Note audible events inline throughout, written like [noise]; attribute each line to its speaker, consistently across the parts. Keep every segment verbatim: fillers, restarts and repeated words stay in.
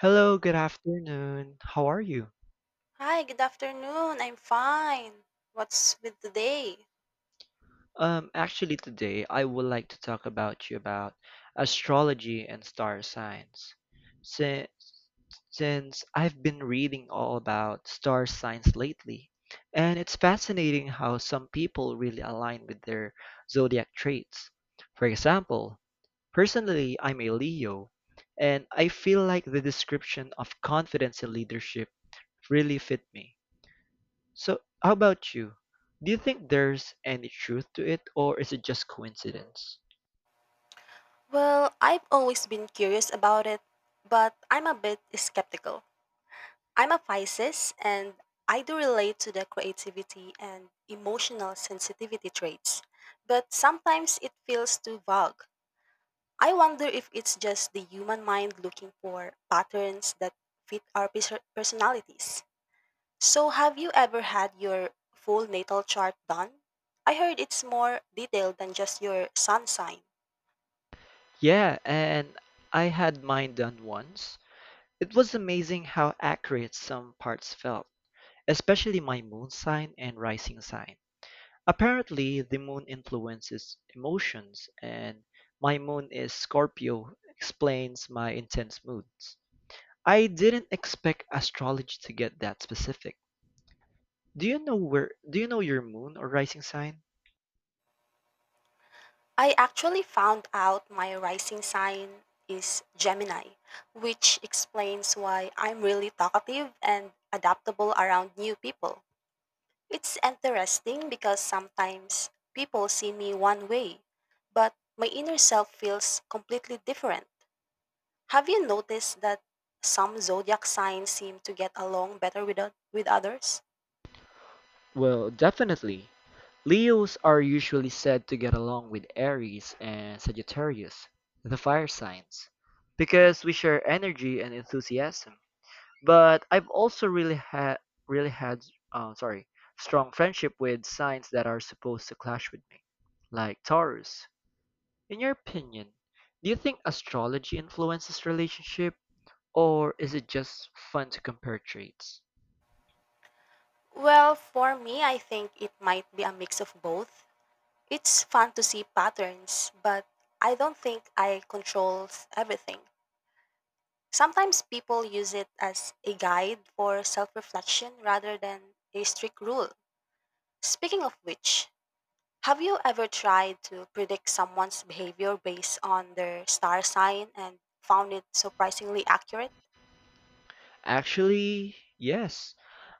Speaker 1: Hello, good afternoon. How are you?
Speaker 2: Hi, good afternoon. I'm fine. What's with the day?
Speaker 1: Um, actually, today I would like to talk about you about astrology and star signs. Since since I've been reading all about star signs lately, and it's fascinating how some people really align with their zodiac traits. For example, personally, I'm a Leo, and I feel like the description of confidence and leadership really fit me. So, how about you? Do you think there's any truth to it, or is it just coincidence?
Speaker 2: Well, I've always been curious about it, but I'm a bit skeptical. I'm a Pisces, and I do relate to the creativity and emotional sensitivity traits, but sometimes it feels too vague. I wonder if it's just the human mind looking for patterns that fit our pers- personalities. So, have you ever had your full natal chart done? I heard it's more detailed than just your sun sign.
Speaker 1: Yeah, and I had mine done once. It was amazing how accurate some parts felt, especially my moon sign and rising sign. Apparently, the moon influences emotions, and my moon is Scorpio, explains my intense moods. I didn't expect astrology to get that specific. Do you know where do you know your moon or rising sign?
Speaker 2: I actually found out my rising sign is Gemini, which explains why I'm really talkative and adaptable around new people. It's interesting because sometimes people see me one way, but my inner self feels completely different. Have you noticed that some zodiac signs seem to get along better with, oth- with others?
Speaker 1: Well, definitely. Leos are usually said to get along with Aries and Sagittarius, the fire signs, because we share energy and enthusiasm. But I've also really had really had uh, sorry strong friendship with signs that are supposed to clash with me, like Taurus. In your opinion, do you think astrology influences relationship, or is it just fun to compare traits?
Speaker 2: Well, for me, I think it might be a mix of both. It's fun to see patterns, but I don't think I control s- everything. Sometimes people use it as a guide for self reflection rather than a strict rule. Speaking of which, have you ever tried to predict someone's behavior based on their star sign and found it surprisingly accurate?
Speaker 1: Actually, yes.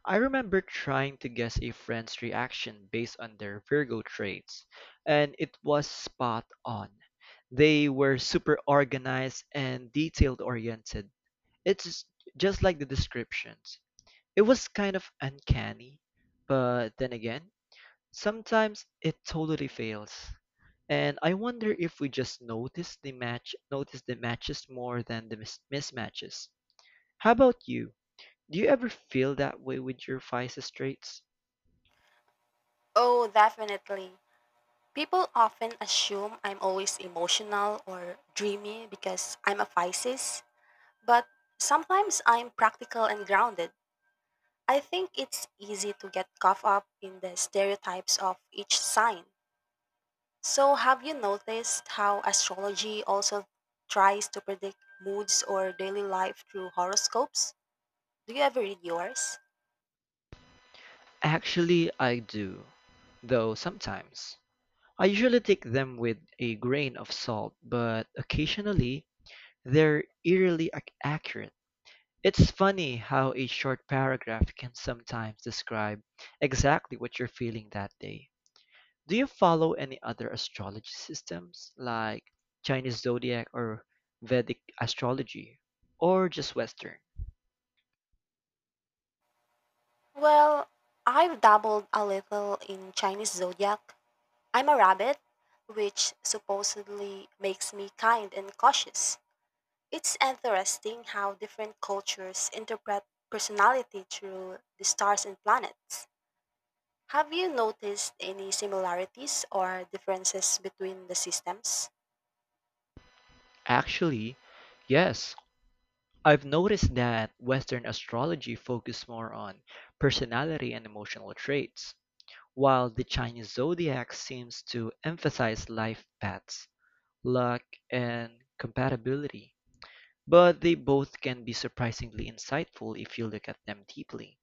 Speaker 1: I remember trying to guess a friend's reaction based on their Virgo traits, and it was spot on. They were super organized and detailed oriented. It's just like the descriptions. It was kind of uncanny, but then again, sometimes it totally fails. And I wonder if we just notice the match, notice the matches more than the mis- mismatches. How about you? Do you ever feel that way with your vices traits?
Speaker 2: Oh, definitely. People often assume I'm always emotional or dreamy because I'm a Pisces, but sometimes I'm practical and grounded. I think it's easy to get caught up in the stereotypes of each sign. So, have you noticed how astrology also tries to predict moods or daily life through horoscopes? Do you ever read yours?
Speaker 1: Actually, I do, though sometimes. I usually take them with a grain of salt, but occasionally they're eerily ac- accurate. It's funny how a short paragraph can sometimes describe exactly what you're feeling that day. Do you follow any other astrology systems like Chinese zodiac or Vedic astrology or just Western?
Speaker 2: Well, I've dabbled a little in Chinese zodiac. I'm a rabbit, which supposedly makes me kind and cautious. It's interesting how different cultures interpret personality through the stars and planets. Have you noticed any similarities or differences between the systems?
Speaker 1: Actually, yes. I've noticed that Western astrology focuses more on personality and emotional traits, while the Chinese zodiac seems to emphasize life paths, luck, and compatibility. But they both can be surprisingly insightful if you look at them deeply.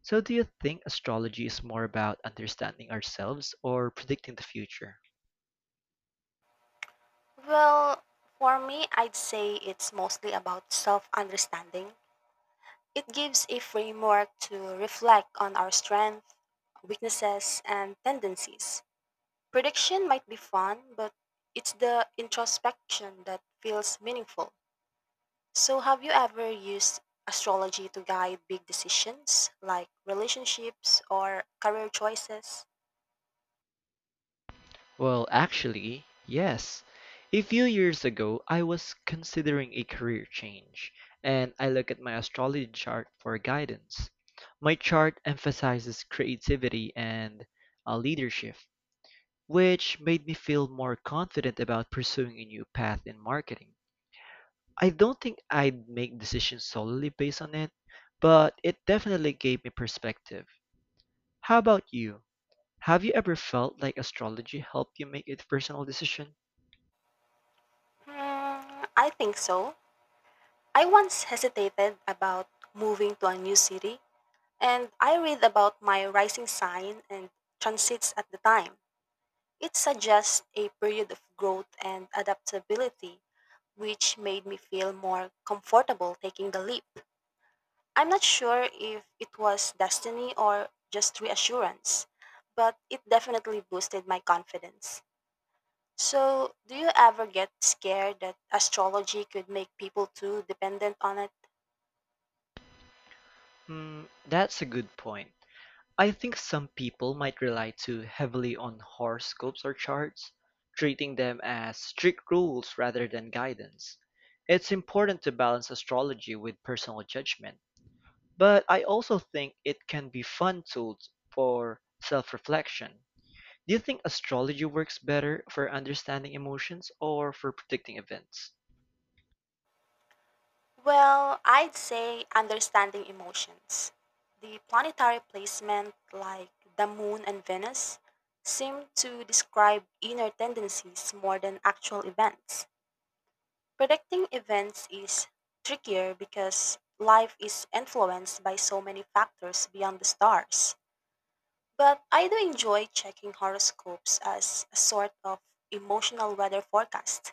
Speaker 1: So, do you think astrology is more about understanding ourselves or predicting the future?
Speaker 2: Well, for me, I'd say it's mostly about self understanding. It gives a framework to reflect on our strengths, weaknesses, and tendencies. Prediction might be fun, but it's the introspection that feels meaningful. So, have you ever used astrology to guide big decisions like relationships or career choices?
Speaker 1: Well, actually, yes. A few years ago, I was considering a career change, and I looked at my astrology chart for guidance. My chart emphasizes creativity and uh, leadership, which made me feel more confident about pursuing a new path in marketing. I don't think I'd make decisions solely based on it, but it definitely gave me perspective. How about you? Have you ever felt like astrology helped you make a personal decision?
Speaker 2: Hmm, I think so. I once hesitated about moving to a new city, and I read about my rising sign and transits at the time. It suggests a period of growth and adaptability, which made me feel more comfortable taking the leap. I'm not sure if it was destiny or just reassurance, but it definitely boosted my confidence. So, do you ever get scared that astrology could make people too dependent on it?
Speaker 1: Hmm, that's a good point. I think some people might rely too heavily on horoscopes or charts, treating them as strict rules rather than guidance. It's important to balance astrology with personal judgment, but I also think it can be fun tool for self-reflection. Do you think astrology works better for understanding emotions or for predicting events?
Speaker 2: Well, I'd say understanding emotions. The planetary placement, like the moon and Venus, seem to describe inner tendencies more than actual events. Predicting events is trickier because life is influenced by so many factors beyond the stars. But I do enjoy checking horoscopes as a sort of emotional weather forecast.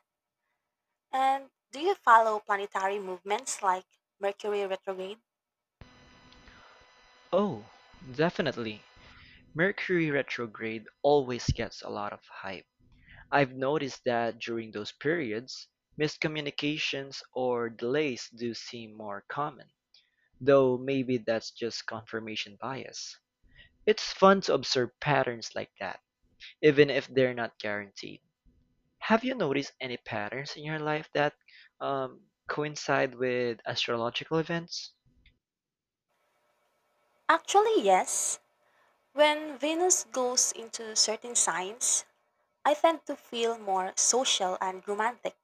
Speaker 2: And do you follow planetary movements like Mercury retrograde?
Speaker 1: Oh, definitely. Mercury retrograde always gets a lot of hype. I've noticed that during those periods, miscommunications or delays do seem more common, though maybe that's just confirmation bias. It's fun to observe patterns like that, even if they're not guaranteed. Have you noticed any patterns in your life that um, coincide with astrological events?
Speaker 2: Actually, yes. When Venus goes into certain signs, I tend to feel more social and romantic.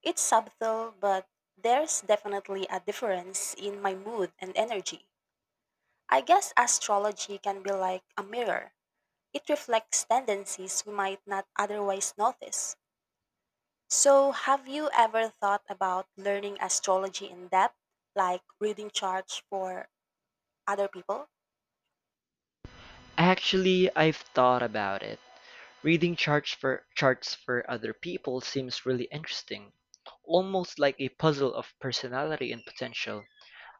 Speaker 2: It's subtle, but there's definitely a difference in my mood and energy. I guess astrology can be like a mirror, it reflects tendencies we might not otherwise notice. So, have you ever thought about learning astrology in depth, like reading charts for other people?
Speaker 1: Actually, I've thought about it. Reading charts for charts for other people seems really interesting, almost like a puzzle of personality and potential.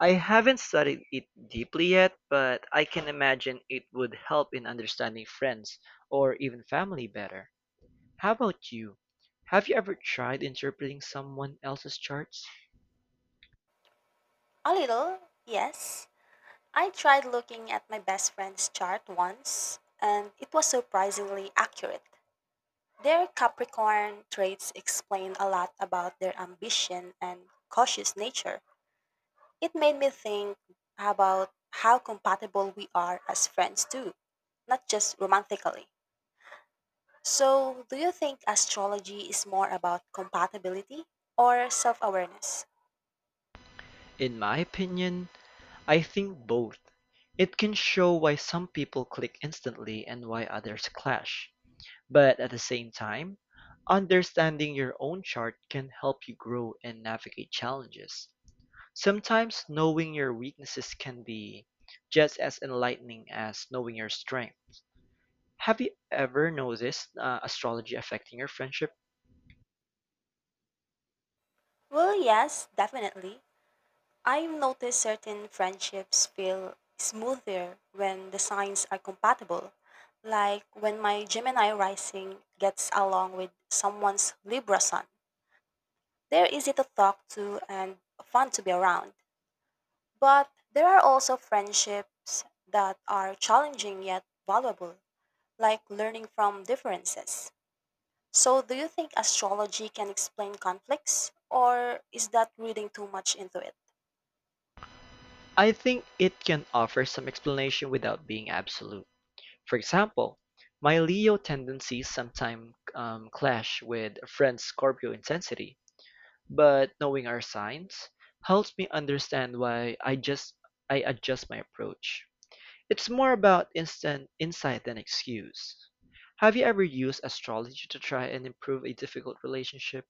Speaker 1: I haven't studied it deeply yet, but I can imagine it would help in understanding friends or even family better. How about you? Have you ever tried interpreting someone else's charts?
Speaker 2: A little, yes. I tried looking at my best friend's chart once, and it was surprisingly accurate. Their Capricorn traits explain a lot about their ambition and cautious nature. It made me think about how compatible we are as friends, too, not just romantically. So, do you think astrology is more about compatibility or self awareness?
Speaker 1: In my opinion, I think both. It can show why some people click instantly and why others clash. But at the same time, understanding your own chart can help you grow and navigate challenges. Sometimes knowing your weaknesses can be just as enlightening as knowing your strengths. Have you ever noticed uh, astrology affecting your friendship?
Speaker 2: Well, yes, definitely. I've noticed certain friendships feel smoother when the signs are compatible, like when my Gemini rising gets along with someone's Libra sun. They're easy to talk to and fun to be around. But there are also friendships that are challenging yet valuable, like learning from differences. So, do you think astrology can explain conflicts, or is that reading too much into it?
Speaker 1: I think it can offer some explanation without being absolute. For example, my Leo tendencies sometimes um, clash with a friend's Scorpio intensity, but knowing our signs helps me understand why I just I adjust my approach. It's more about instant insight than excuse. Have you ever used astrology to try and improve a difficult relationship?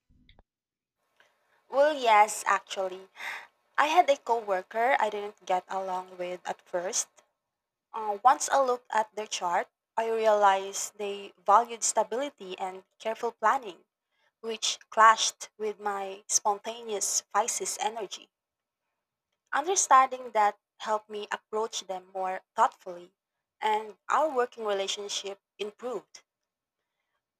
Speaker 2: Well, yes, actually. I had a coworker I didn't get along with at first. Uh, once I looked at their chart, I realized they valued stability and careful planning, which clashed with my spontaneous Pisces energy. Understanding that helped me approach them more thoughtfully, and our working relationship improved.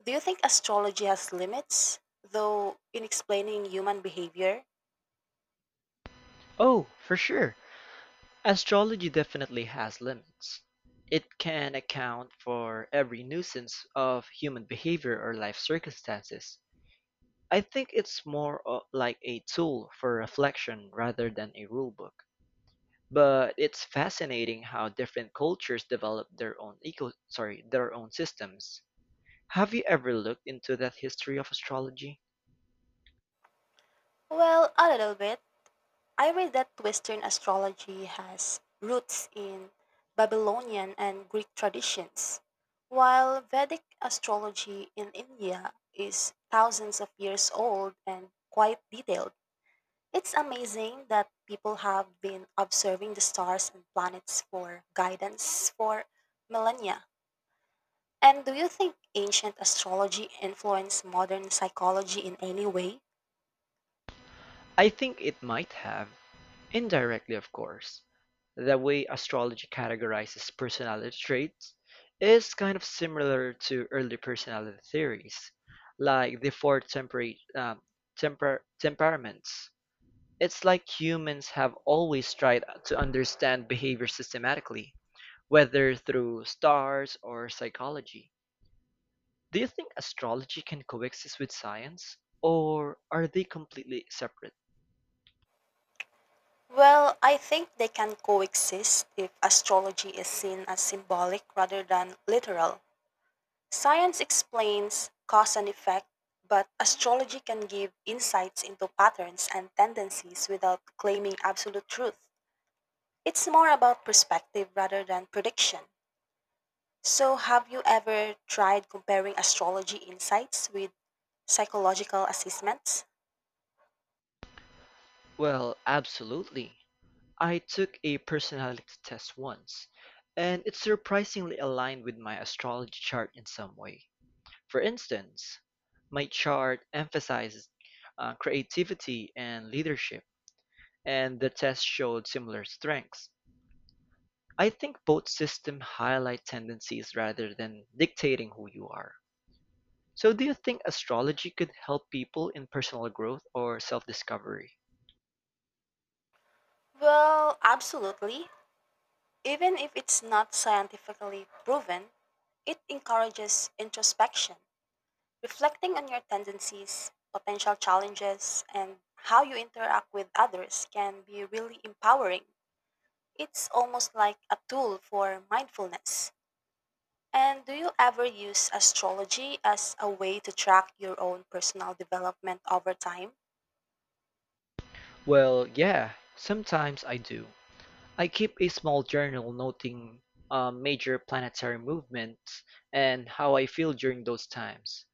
Speaker 2: Do you think astrology has limits, though, in explaining human behavior?
Speaker 1: Oh, for sure. Astrology definitely has limits. It can account for every nuisance of human behavior or life circumstances. I think it's more o- like a tool for reflection rather than a rule book. But it's fascinating how different cultures develop their own eco sorry, their own systems. Have you ever looked into that history of astrology?
Speaker 2: Well, a little bit. I read that Western astrology has roots in Babylonian and Greek traditions, while Vedic astrology in India is thousands of years old and quite detailed. It's amazing that people have been observing the stars and planets for guidance for millennia. And do you think ancient astrology influenced modern psychology in any way?
Speaker 1: I think it might have, indirectly of course. The way astrology categorizes personality traits is kind of similar to early personality theories, like the four tempera- um, temper- temperaments. It's like humans have always tried to understand behavior systematically, whether through stars or psychology. Do you think astrology can coexist with science, or are they completely separate?
Speaker 2: Well, I think they can coexist if astrology is seen as symbolic rather than literal. Science explains cause and effect, but astrology can give insights into patterns and tendencies without claiming absolute truth. It's more about perspective rather than prediction. So, have you ever tried comparing astrology insights with psychological assessments?
Speaker 1: Well, absolutely. I took a personality test once, and it surprisingly aligned with my astrology chart in some way. For instance, my chart emphasizes uh, creativity and leadership and the test showed similar strengths. I think both systems highlight tendencies rather than dictating who you are. So, do you think astrology could help people in personal growth or self discovery?
Speaker 2: Well, absolutely. Even if it's not scientifically proven, it encourages introspection, reflecting on your tendencies, potential challenges, and how you interact with others can be really empowering. It's almost like a tool for mindfulness. And do you ever use astrology as a way to track your own personal development over time?
Speaker 1: Well, yeah, sometimes I do. I keep a small journal noting um, major planetary movements and how I feel during those times.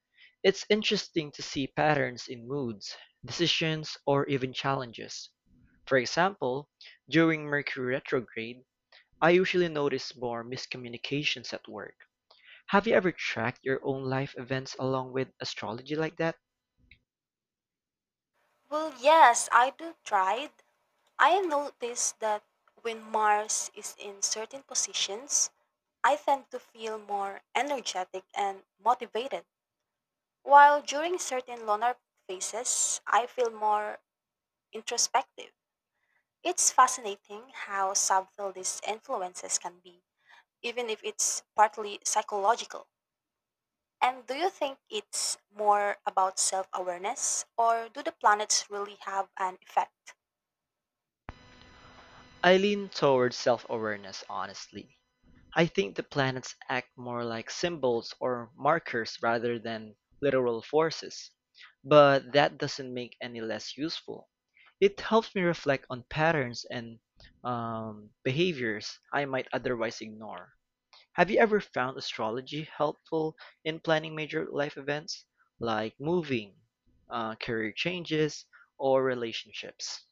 Speaker 1: It's interesting to see patterns in moods, decisions, or even challenges. For example, during Mercury retrograde, I usually notice more miscommunications at work. Have you ever tracked your own life events along with astrology like that?
Speaker 2: Well, yes, I do tried. I noticed that when Mars is in certain positions, I tend to feel more energetic and motivated, while during certain lunar phases, I feel more introspective. It's fascinating how subtle these influences can be, even if it's partly psychological. And do you think it's more about self awareness, or do the planets really have an effect?
Speaker 1: I lean towards self awareness, honestly. I think the planets act more like symbols or markers rather than literal forces. But that doesn't make any less useful. It helps me reflect on patterns and um, behaviors I might otherwise ignore. Have you ever found astrology helpful in planning major life events like moving, uh, career changes, or relationships?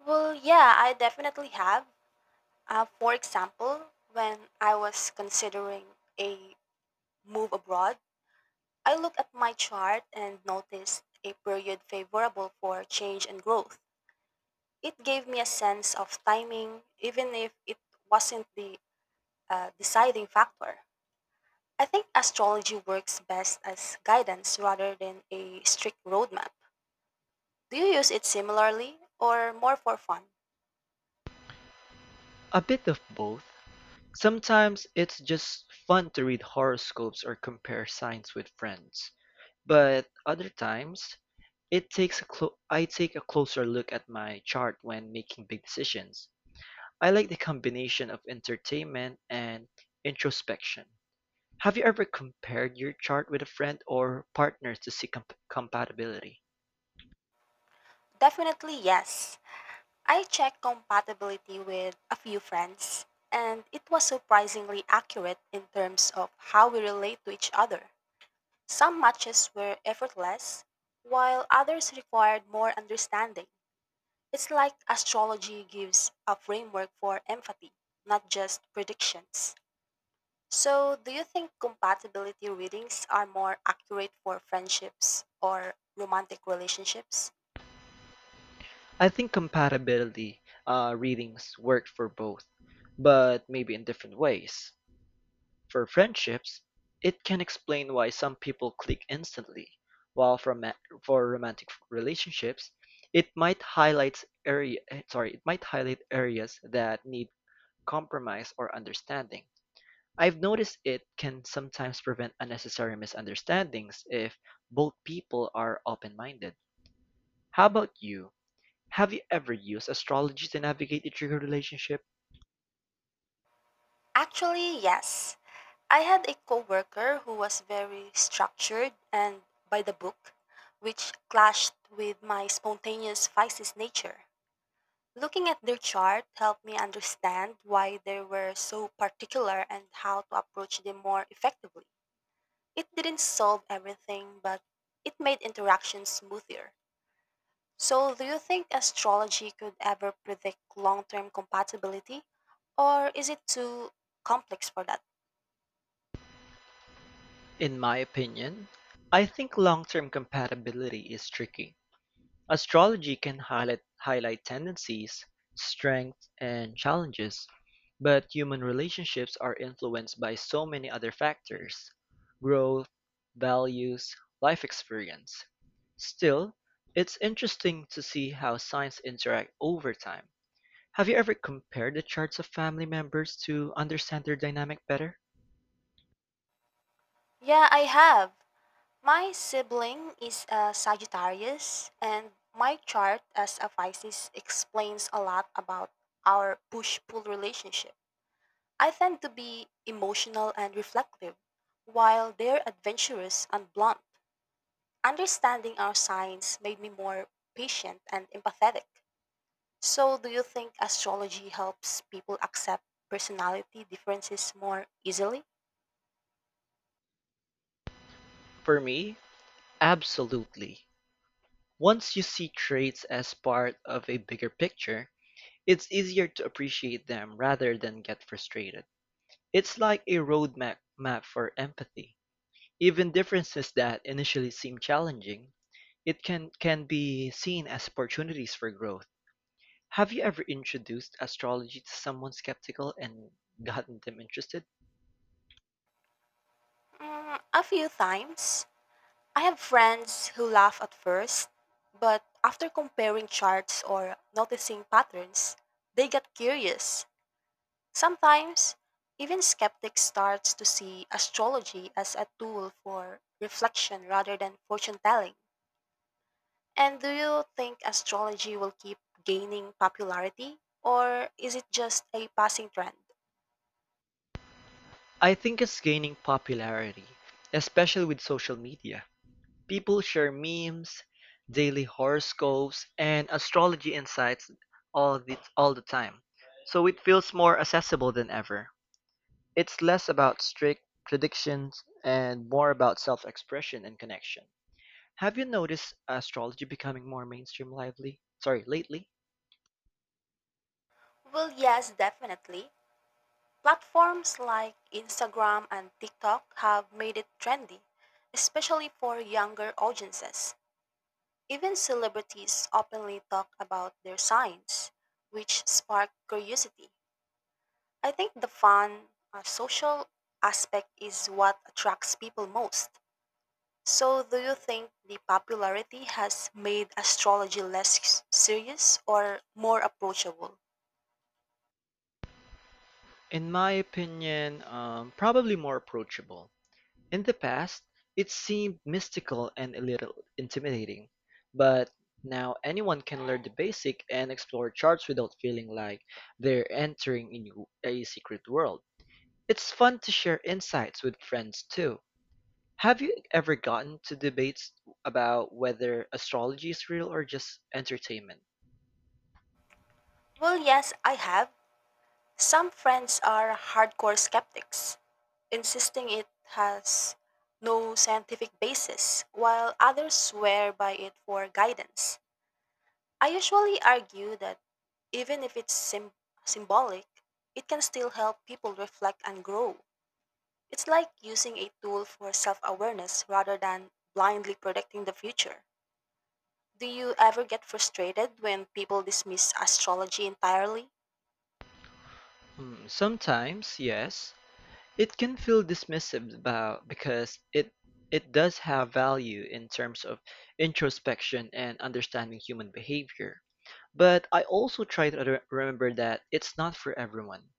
Speaker 2: Well, yeah, I definitely have. Uh, for example, when I was considering a move abroad, I looked at my chart and noticed a period favorable for change and growth. It gave me a sense of timing, even if it wasn't the uh, deciding factor. I think astrology works best as guidance rather than a strict roadmap. Do you use it similarly or more for fun?
Speaker 1: A bit of both. Sometimes it's just fun to read horoscopes or compare signs with friends, but other times it takes a clo- I take a closer look at my chart when making big decisions. I like the combination of entertainment and introspection. Have you ever compared your chart with a friend or partner to see comp- compatibility?
Speaker 2: Definitely yes. I checked compatibility with a few friends, and it was surprisingly accurate in terms of how we relate to each other. Some matches were effortless, while others required more understanding. It's like astrology gives a framework for empathy, not just predictions. So, do you think compatibility readings are more accurate for friendships or romantic relationships?
Speaker 1: I think compatibility uh, readings work for both, but maybe in different ways. For friendships, it can explain why some people click instantly, while for, ma- for romantic relationships, it might highlight area eh, sorry, it might highlight areas that need compromise or understanding. I've noticed it can sometimes prevent unnecessary misunderstandings if both people are open minded. How about you? Have you ever used astrology to navigate your trigger relationship?
Speaker 2: Actually, yes. I had a coworker who was very structured and by the book, which clashed with my spontaneous Pisces nature. Looking at their chart helped me understand why they were so particular and how to approach them more effectively. It didn't solve everything, but it made interactions smoother. So, do you think astrology could ever predict long term compatibility? Or is it too complex for that?
Speaker 1: In my opinion, I think long term compatibility is tricky. Astrology can highlight, highlight tendencies, strengths, and challenges, but human relationships are influenced by so many other factors growth, values, life experience. Still, it's interesting to see how signs interact over time. Have you ever compared the charts of family members to understand their dynamic better?
Speaker 2: Yeah, I have. My sibling is a Sagittarius, and my chart as a Pisces explains a lot about our push pull relationship. I tend to be emotional and reflective, while they're adventurous and blunt. Understanding our signs made me more patient and empathetic. So, do you think astrology helps people accept personality differences more easily?
Speaker 1: For me, absolutely. Once you see traits as part of a bigger picture, it's easier to appreciate them rather than get frustrated. It's like a roadmap map for empathy. Even differences that initially seem challenging, it can, can be seen as opportunities for growth. Have you ever introduced astrology to someone skeptical and gotten them interested?
Speaker 2: Mm, a few times. I have friends who laugh at first, but after comparing charts or noticing patterns, they get curious. Sometimes, even skeptics start to see astrology as a tool for reflection rather than fortune telling. And do you think astrology will keep gaining popularity, or is it just a passing trend?
Speaker 1: I think it's gaining popularity, especially with social media. People share memes, daily horoscopes, and astrology insights all the, all the time. So it feels more accessible than ever. It's less about strict predictions and more about self-expression and connection. Have you noticed astrology becoming more mainstream lively? Sorry, lately?
Speaker 2: Well, yes, definitely. Platforms like Instagram and TikTok have made it trendy, especially for younger audiences. Even celebrities openly talk about their signs, which spark curiosity. I think the fun, uh, social aspect is what attracts people most. So, do you think the popularity has made astrology less serious or more approachable?
Speaker 1: In my opinion, um, probably more approachable. In the past, it seemed mystical and a little intimidating, but now anyone can learn the basic and explore charts without feeling like they're entering a new- a secret world. It's fun to share insights with friends too. Have you ever gotten to debates about whether astrology is real or just entertainment?
Speaker 2: Well, yes, I have. Some friends are hardcore skeptics, insisting it has no scientific basis, while others swear by it for guidance. I usually argue that even if it's sym symbolic, it can still help people reflect and grow. It's like using a tool for self awareness rather than blindly predicting the future. Do you ever get frustrated when people dismiss astrology entirely?
Speaker 1: Hmm, sometimes, yes. It can feel dismissive about because it it does have value in terms of introspection and understanding human behavior. But I also try to re- remember that it's not for everyone,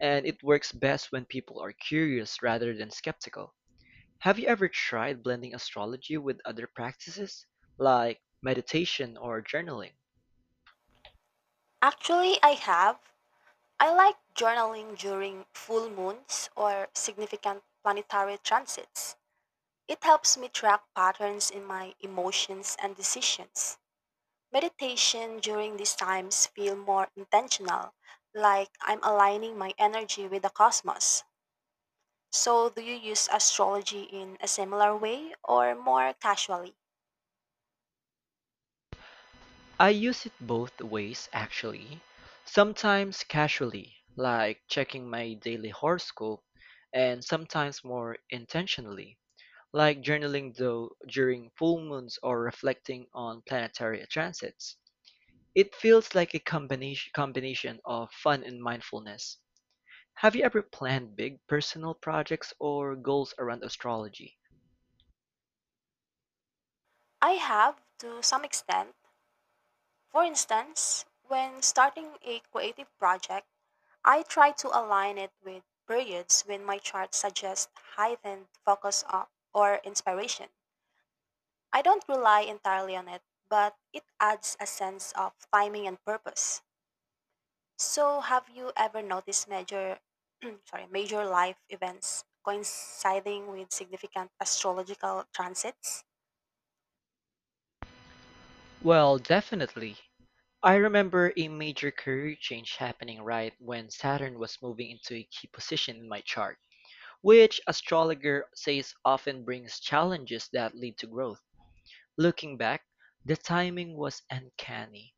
Speaker 1: and it works best when people are curious rather than skeptical. Have you ever tried blending astrology with other practices like meditation or journaling?
Speaker 2: Actually, I have. I like journaling during full moons or significant planetary transits. It helps me track patterns in my emotions and decisions. Meditation during these times feel more intentional, like I'm aligning my energy with the cosmos. So do you use astrology in a similar way or more casually?
Speaker 1: I use it both ways actually, sometimes casually, like checking my daily horoscope, and sometimes more intentionally, like journaling though during full moons or reflecting on planetary transits. It feels like a combination combination of fun and mindfulness. Have you ever planned big personal projects or goals around astrology?
Speaker 2: I have to some extent. For instance, when starting a creative project, I try to align it with periods when my chart suggests heightened focus o- or inspiration. I don't rely entirely on it, but it adds a sense of timing and purpose. So, have you ever noticed major, [clears throat] sorry, major life events coinciding with significant astrological transits?
Speaker 1: Well, definitely. I remember a major career change happening right when Saturn was moving into a key position in my chart, which astrologer says often brings challenges that lead to growth. Looking back, the timing was uncanny.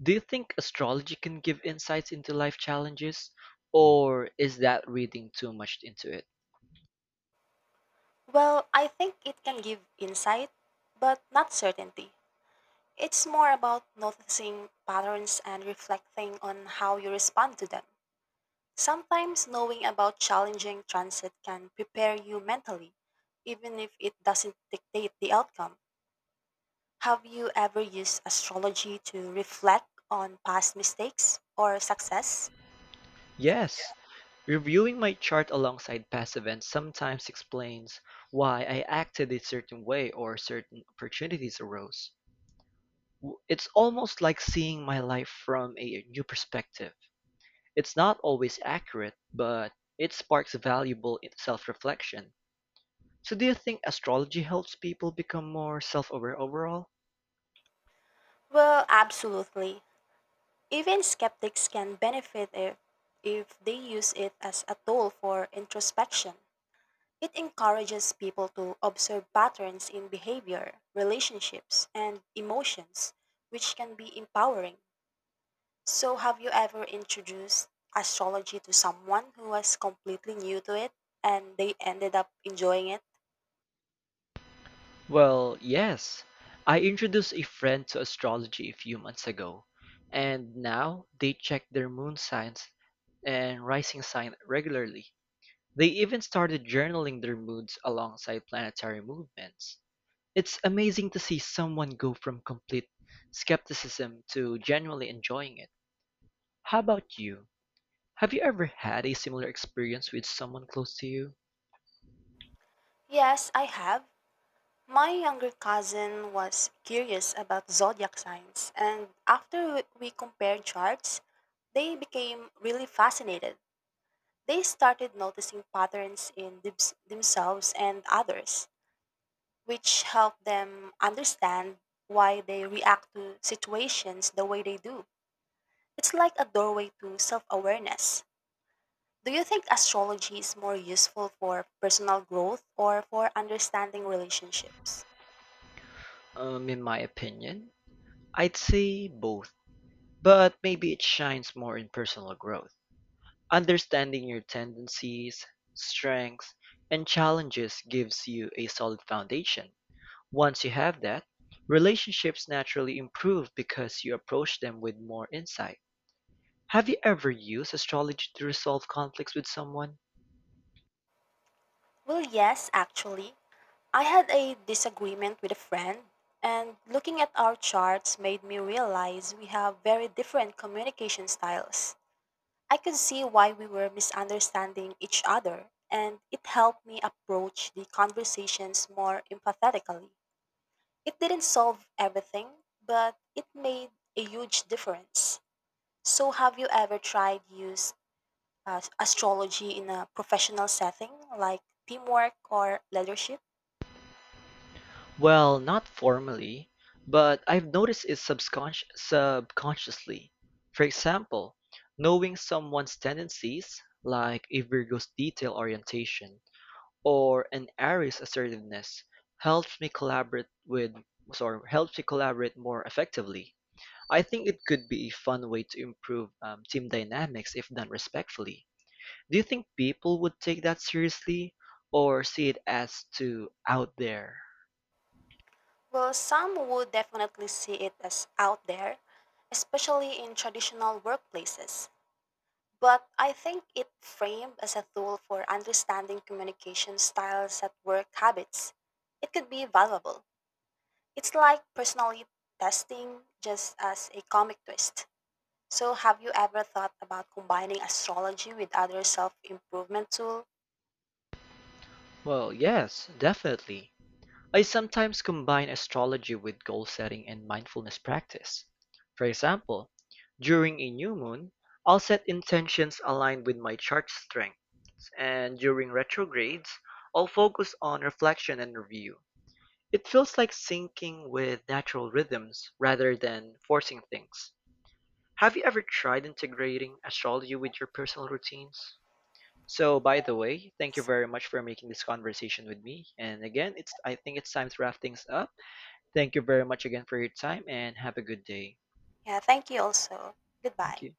Speaker 1: Do you think astrology can give insights into life challenges? Or is that reading too much into it?
Speaker 2: Well, I think it can give insight, but not certainty. It's more about noticing patterns and reflecting on how you respond to them. Sometimes knowing about challenging transit can prepare you mentally, even if it doesn't dictate the outcome. Have you ever used astrology to reflect on past mistakes or success?
Speaker 1: Yes, reviewing my chart alongside past events sometimes explains why I acted a certain way or certain opportunities arose. W- It's almost like seeing my life from a new perspective. It's not always accurate, but it sparks valuable self reflection. So, do you think astrology helps people become more self aware overall?
Speaker 2: Well, absolutely. Even skeptics can benefit if, if they use it as a tool for introspection. It encourages people to observe patterns in behavior, relationships, and emotions, which can be empowering. So, have you ever introduced astrology to someone who was completely new to it and they ended up enjoying it?
Speaker 1: Well, yes. I introduced a friend to astrology a few months ago, and now they check their moon signs and rising sign regularly. They even started journaling their moods alongside planetary movements. It's amazing to see someone go from complete skepticism to genuinely enjoying it. How about you? Have you ever had a similar experience with someone close to you?
Speaker 2: Yes, I have. My younger cousin was curious about zodiac signs, and after we we compared charts, they became really fascinated. They started noticing patterns in thems- themselves and others, which helped them understand why they react to situations the way they do. It's like a doorway to self awareness. Do you think astrology is more useful for personal growth or for understanding relationships?
Speaker 1: Um, in my opinion, I'd say both, but maybe it shines more in personal growth. Understanding your tendencies, strengths, and challenges gives you a solid foundation. Once you have that, relationships naturally improve because you approach them with more insight. Have you ever used astrology to resolve conflicts with someone?
Speaker 2: Well, yes, actually. I had a disagreement with a friend, and looking at our charts made me realize we have very different communication styles. I could see why we were misunderstanding each other, and it helped me approach the conversations more empathetically. It didn't solve everything, but it made a huge difference. So, have you ever tried use uh, astrology in a professional setting like teamwork or leadership?
Speaker 1: Well, not formally, but I've noticed it subconsci- subconsciously. For example, knowing someone's tendencies, like a Virgo's detail orientation or an Aries assertiveness, helps me collaborate with sorry, helps me collaborate more effectively. I think it could be a fun way to improve um, team dynamics if done respectfully. Do you think people would take that seriously or see it as too out there?
Speaker 2: Well, some would definitely see it as out there, especially in traditional workplaces. But I think it framed as a tool for understanding communication styles at work habits. It could be valuable. It's like personality testing just as a comic twist. So have you ever thought about combining astrology with other self-improvement tool?
Speaker 1: Well, yes, definitely. I sometimes combine astrology with goal setting and mindfulness practice. For example, during a new moon, I'll set intentions aligned with my chart strengths, and during retrogrades, I'll focus on reflection and review. It feels like syncing with natural rhythms rather than forcing things. Have you ever tried integrating astrology with your personal routines? So, by the way, thank you very much for making this conversation with me. And again, it's I think it's time to wrap things up. Thank you very much again for your time and have a good day.
Speaker 2: Yeah, thank you also.
Speaker 1: Thank
Speaker 2: Goodbye.
Speaker 1: you.